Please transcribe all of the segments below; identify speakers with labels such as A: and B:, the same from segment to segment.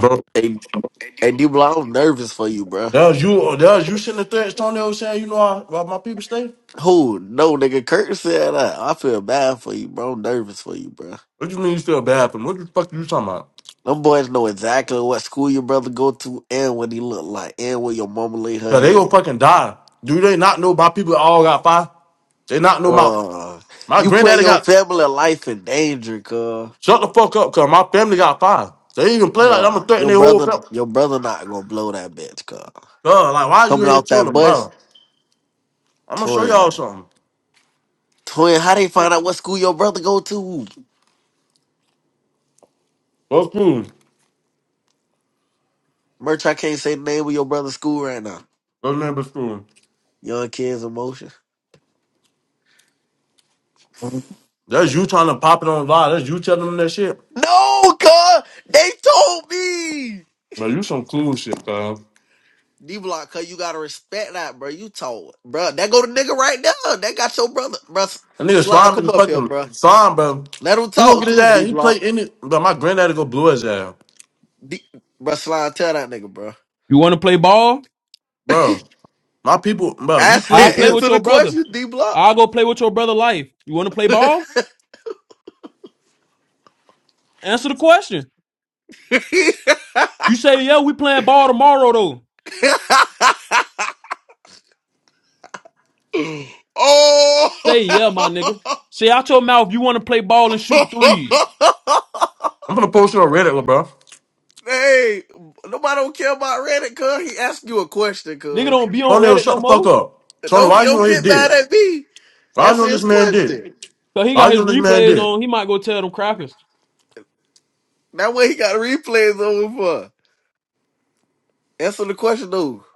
A: Bro,
B: Hey, hey, D-Block, I'm nervous for you, bro.
A: that was you. uh, That was you sitting there, Antonio, saying, you know, I, why my people stay.
B: Who? No, nigga, Kurt said that. I feel bad for you, bro. I'm nervous for you, bro.
A: What you mean you feel bad for them? What the fuck you talking about?
B: Them boys know exactly what school your brother go to and what he look like and where your mama lay her
A: Cause they gonna
B: head.
A: fucking die. Do they not know my people all got five? They not know my
B: Uh,
A: my
B: you put
A: granddaddy
B: your
A: got
B: family life in danger, cuz.
A: shut the fuck up. Cause my family got five. They even play like I'm
B: Uh,
A: gonna threaten
B: your
A: their whole
B: brother,
A: family.
B: your brother not gonna blow that bitch, cuz.
A: Cause like why is you
B: Coming
A: here
B: off that
A: chilling,
B: bus,
A: bro? I'm gonna show y'all
B: twin.
A: something.
B: Twin, how they find out what school your brother go to?
A: Go school.
B: Merch, I can't say the name of your brother's school right now.
A: Go remember school.
B: Young kids emotion.
A: That's you trying to pop it on live. That's you telling them that shit.
B: No, cuz they told me.
A: Bro, you some cool shit, cuz.
B: D block, cuz you gotta respect that, bro. You told, bro. That go to nigga right now. That got your brother, bro.
A: That nigga
B: Slime,
A: slime is
B: come
A: a
B: up here,
A: fucking
B: bro.
A: slime, bro.
B: Let him
A: He gonna
B: talk
A: get his
B: too,
A: ass.
B: D
A: He play
B: block.
A: any. Bro, my granddaddy go blew his ass,
B: D, bro, slime, tell that nigga, bro.
C: You want to play ball?
A: bro. My people, bro. You
B: Answer,
C: I'll
A: play
C: play
A: any.
C: with
B: answer
C: your
B: the
C: brother.
B: question, D block.
C: I'll go play with your brother life. You want to play ball? Answer the question. You say, yeah, we playing ball tomorrow though.
B: oh.
C: Say, yeah, my nigga. Say out your mouth, you want to play ball and shoot threes.
A: I'm gonna post it on Reddit, bro.
B: hey, nobody don't care about Reddit, cuz. He asked you a question,
C: Nigga
B: cuz.
C: don't be on
A: Tony,
C: Reddit
A: shut
C: no
A: the fuck
C: more.
A: up. Tony,
B: Don't
A: why you
B: don't
A: on his
B: get mad
A: dick?
B: at me.
A: Why you
B: Answer
A: on this
B: his
A: man dick?
B: question.
C: Cause he
A: Why
C: got
A: you
C: his
A: on this man
C: replays
A: dick?
C: on. He might go tell them crackers.
B: That way he got replays over for. Answer the question though.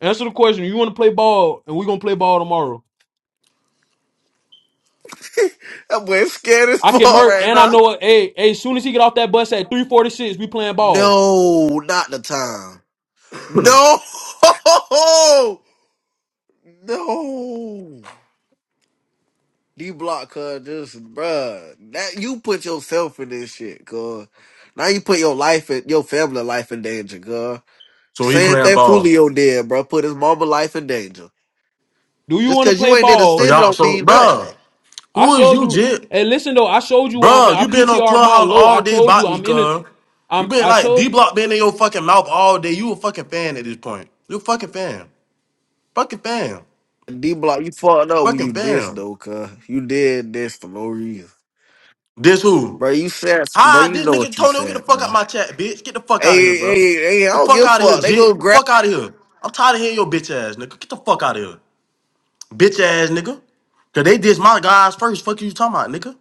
C: Answer the question. You want to play ball and we going to play ball tomorrow.
B: That boy is scared as
C: I
B: fuck
C: can murk
B: right
C: and I
B: now.
C: know it. Hey, hey, as soon as he get off that bus at 346, we playing ball.
B: No, not the time. No, no. D block, cuz just bruh. That you put yourself in this shit, cuz. Now you put your life and your family life in danger, cuz.
A: so he
B: Same
A: playing
B: thing
A: ball.
B: Julio did, bruh. Put his mama life in danger.
C: Do you
B: Just
C: want to
B: cause you
C: play
B: ain't there to
C: ball
A: So
B: sit, it
A: y'all,
B: don't
A: so
B: mean nothing.
A: bro,
C: I
A: who is
C: showed
A: you,
C: you.
A: Jit?
C: Hey, listen though, I showed you where I'm
A: Bro,
C: at. I
A: you been on
C: PTR my
A: clubhouse
C: low. I
A: all day,
C: told you
A: botany,
C: I'm in it.
A: cuz. You
C: I'm.
A: been
C: I
A: like
C: told.
A: D Block been in your fucking mouth all day. You a fucking fan at this point. You a fucking fan. Fucking fan.
B: D block, you fucked up when
A: Fucking
B: you this
A: fam.
B: though, cuz. You did this for no reason.
A: This who?
B: Bro, you said bro,
A: Ah,
B: you
A: this
B: know
A: nigga
B: what you
A: Tony, get the
B: said,
A: fuck out
B: bro.
A: my chat, bitch. Get the fuck out of here,
B: Hey,
A: bro.
B: hey, hey, I
A: The
B: don't
A: fuck
B: give a
A: out of here,
B: fuck. They gonna
A: jit. The
B: grab.
A: fuck out of here. I'm tired of hearing your bitch ass, nigga. Get the fuck out of here, bitch ass, nigga. Cause they dissed my guys first. Fuck you talking about, nigga.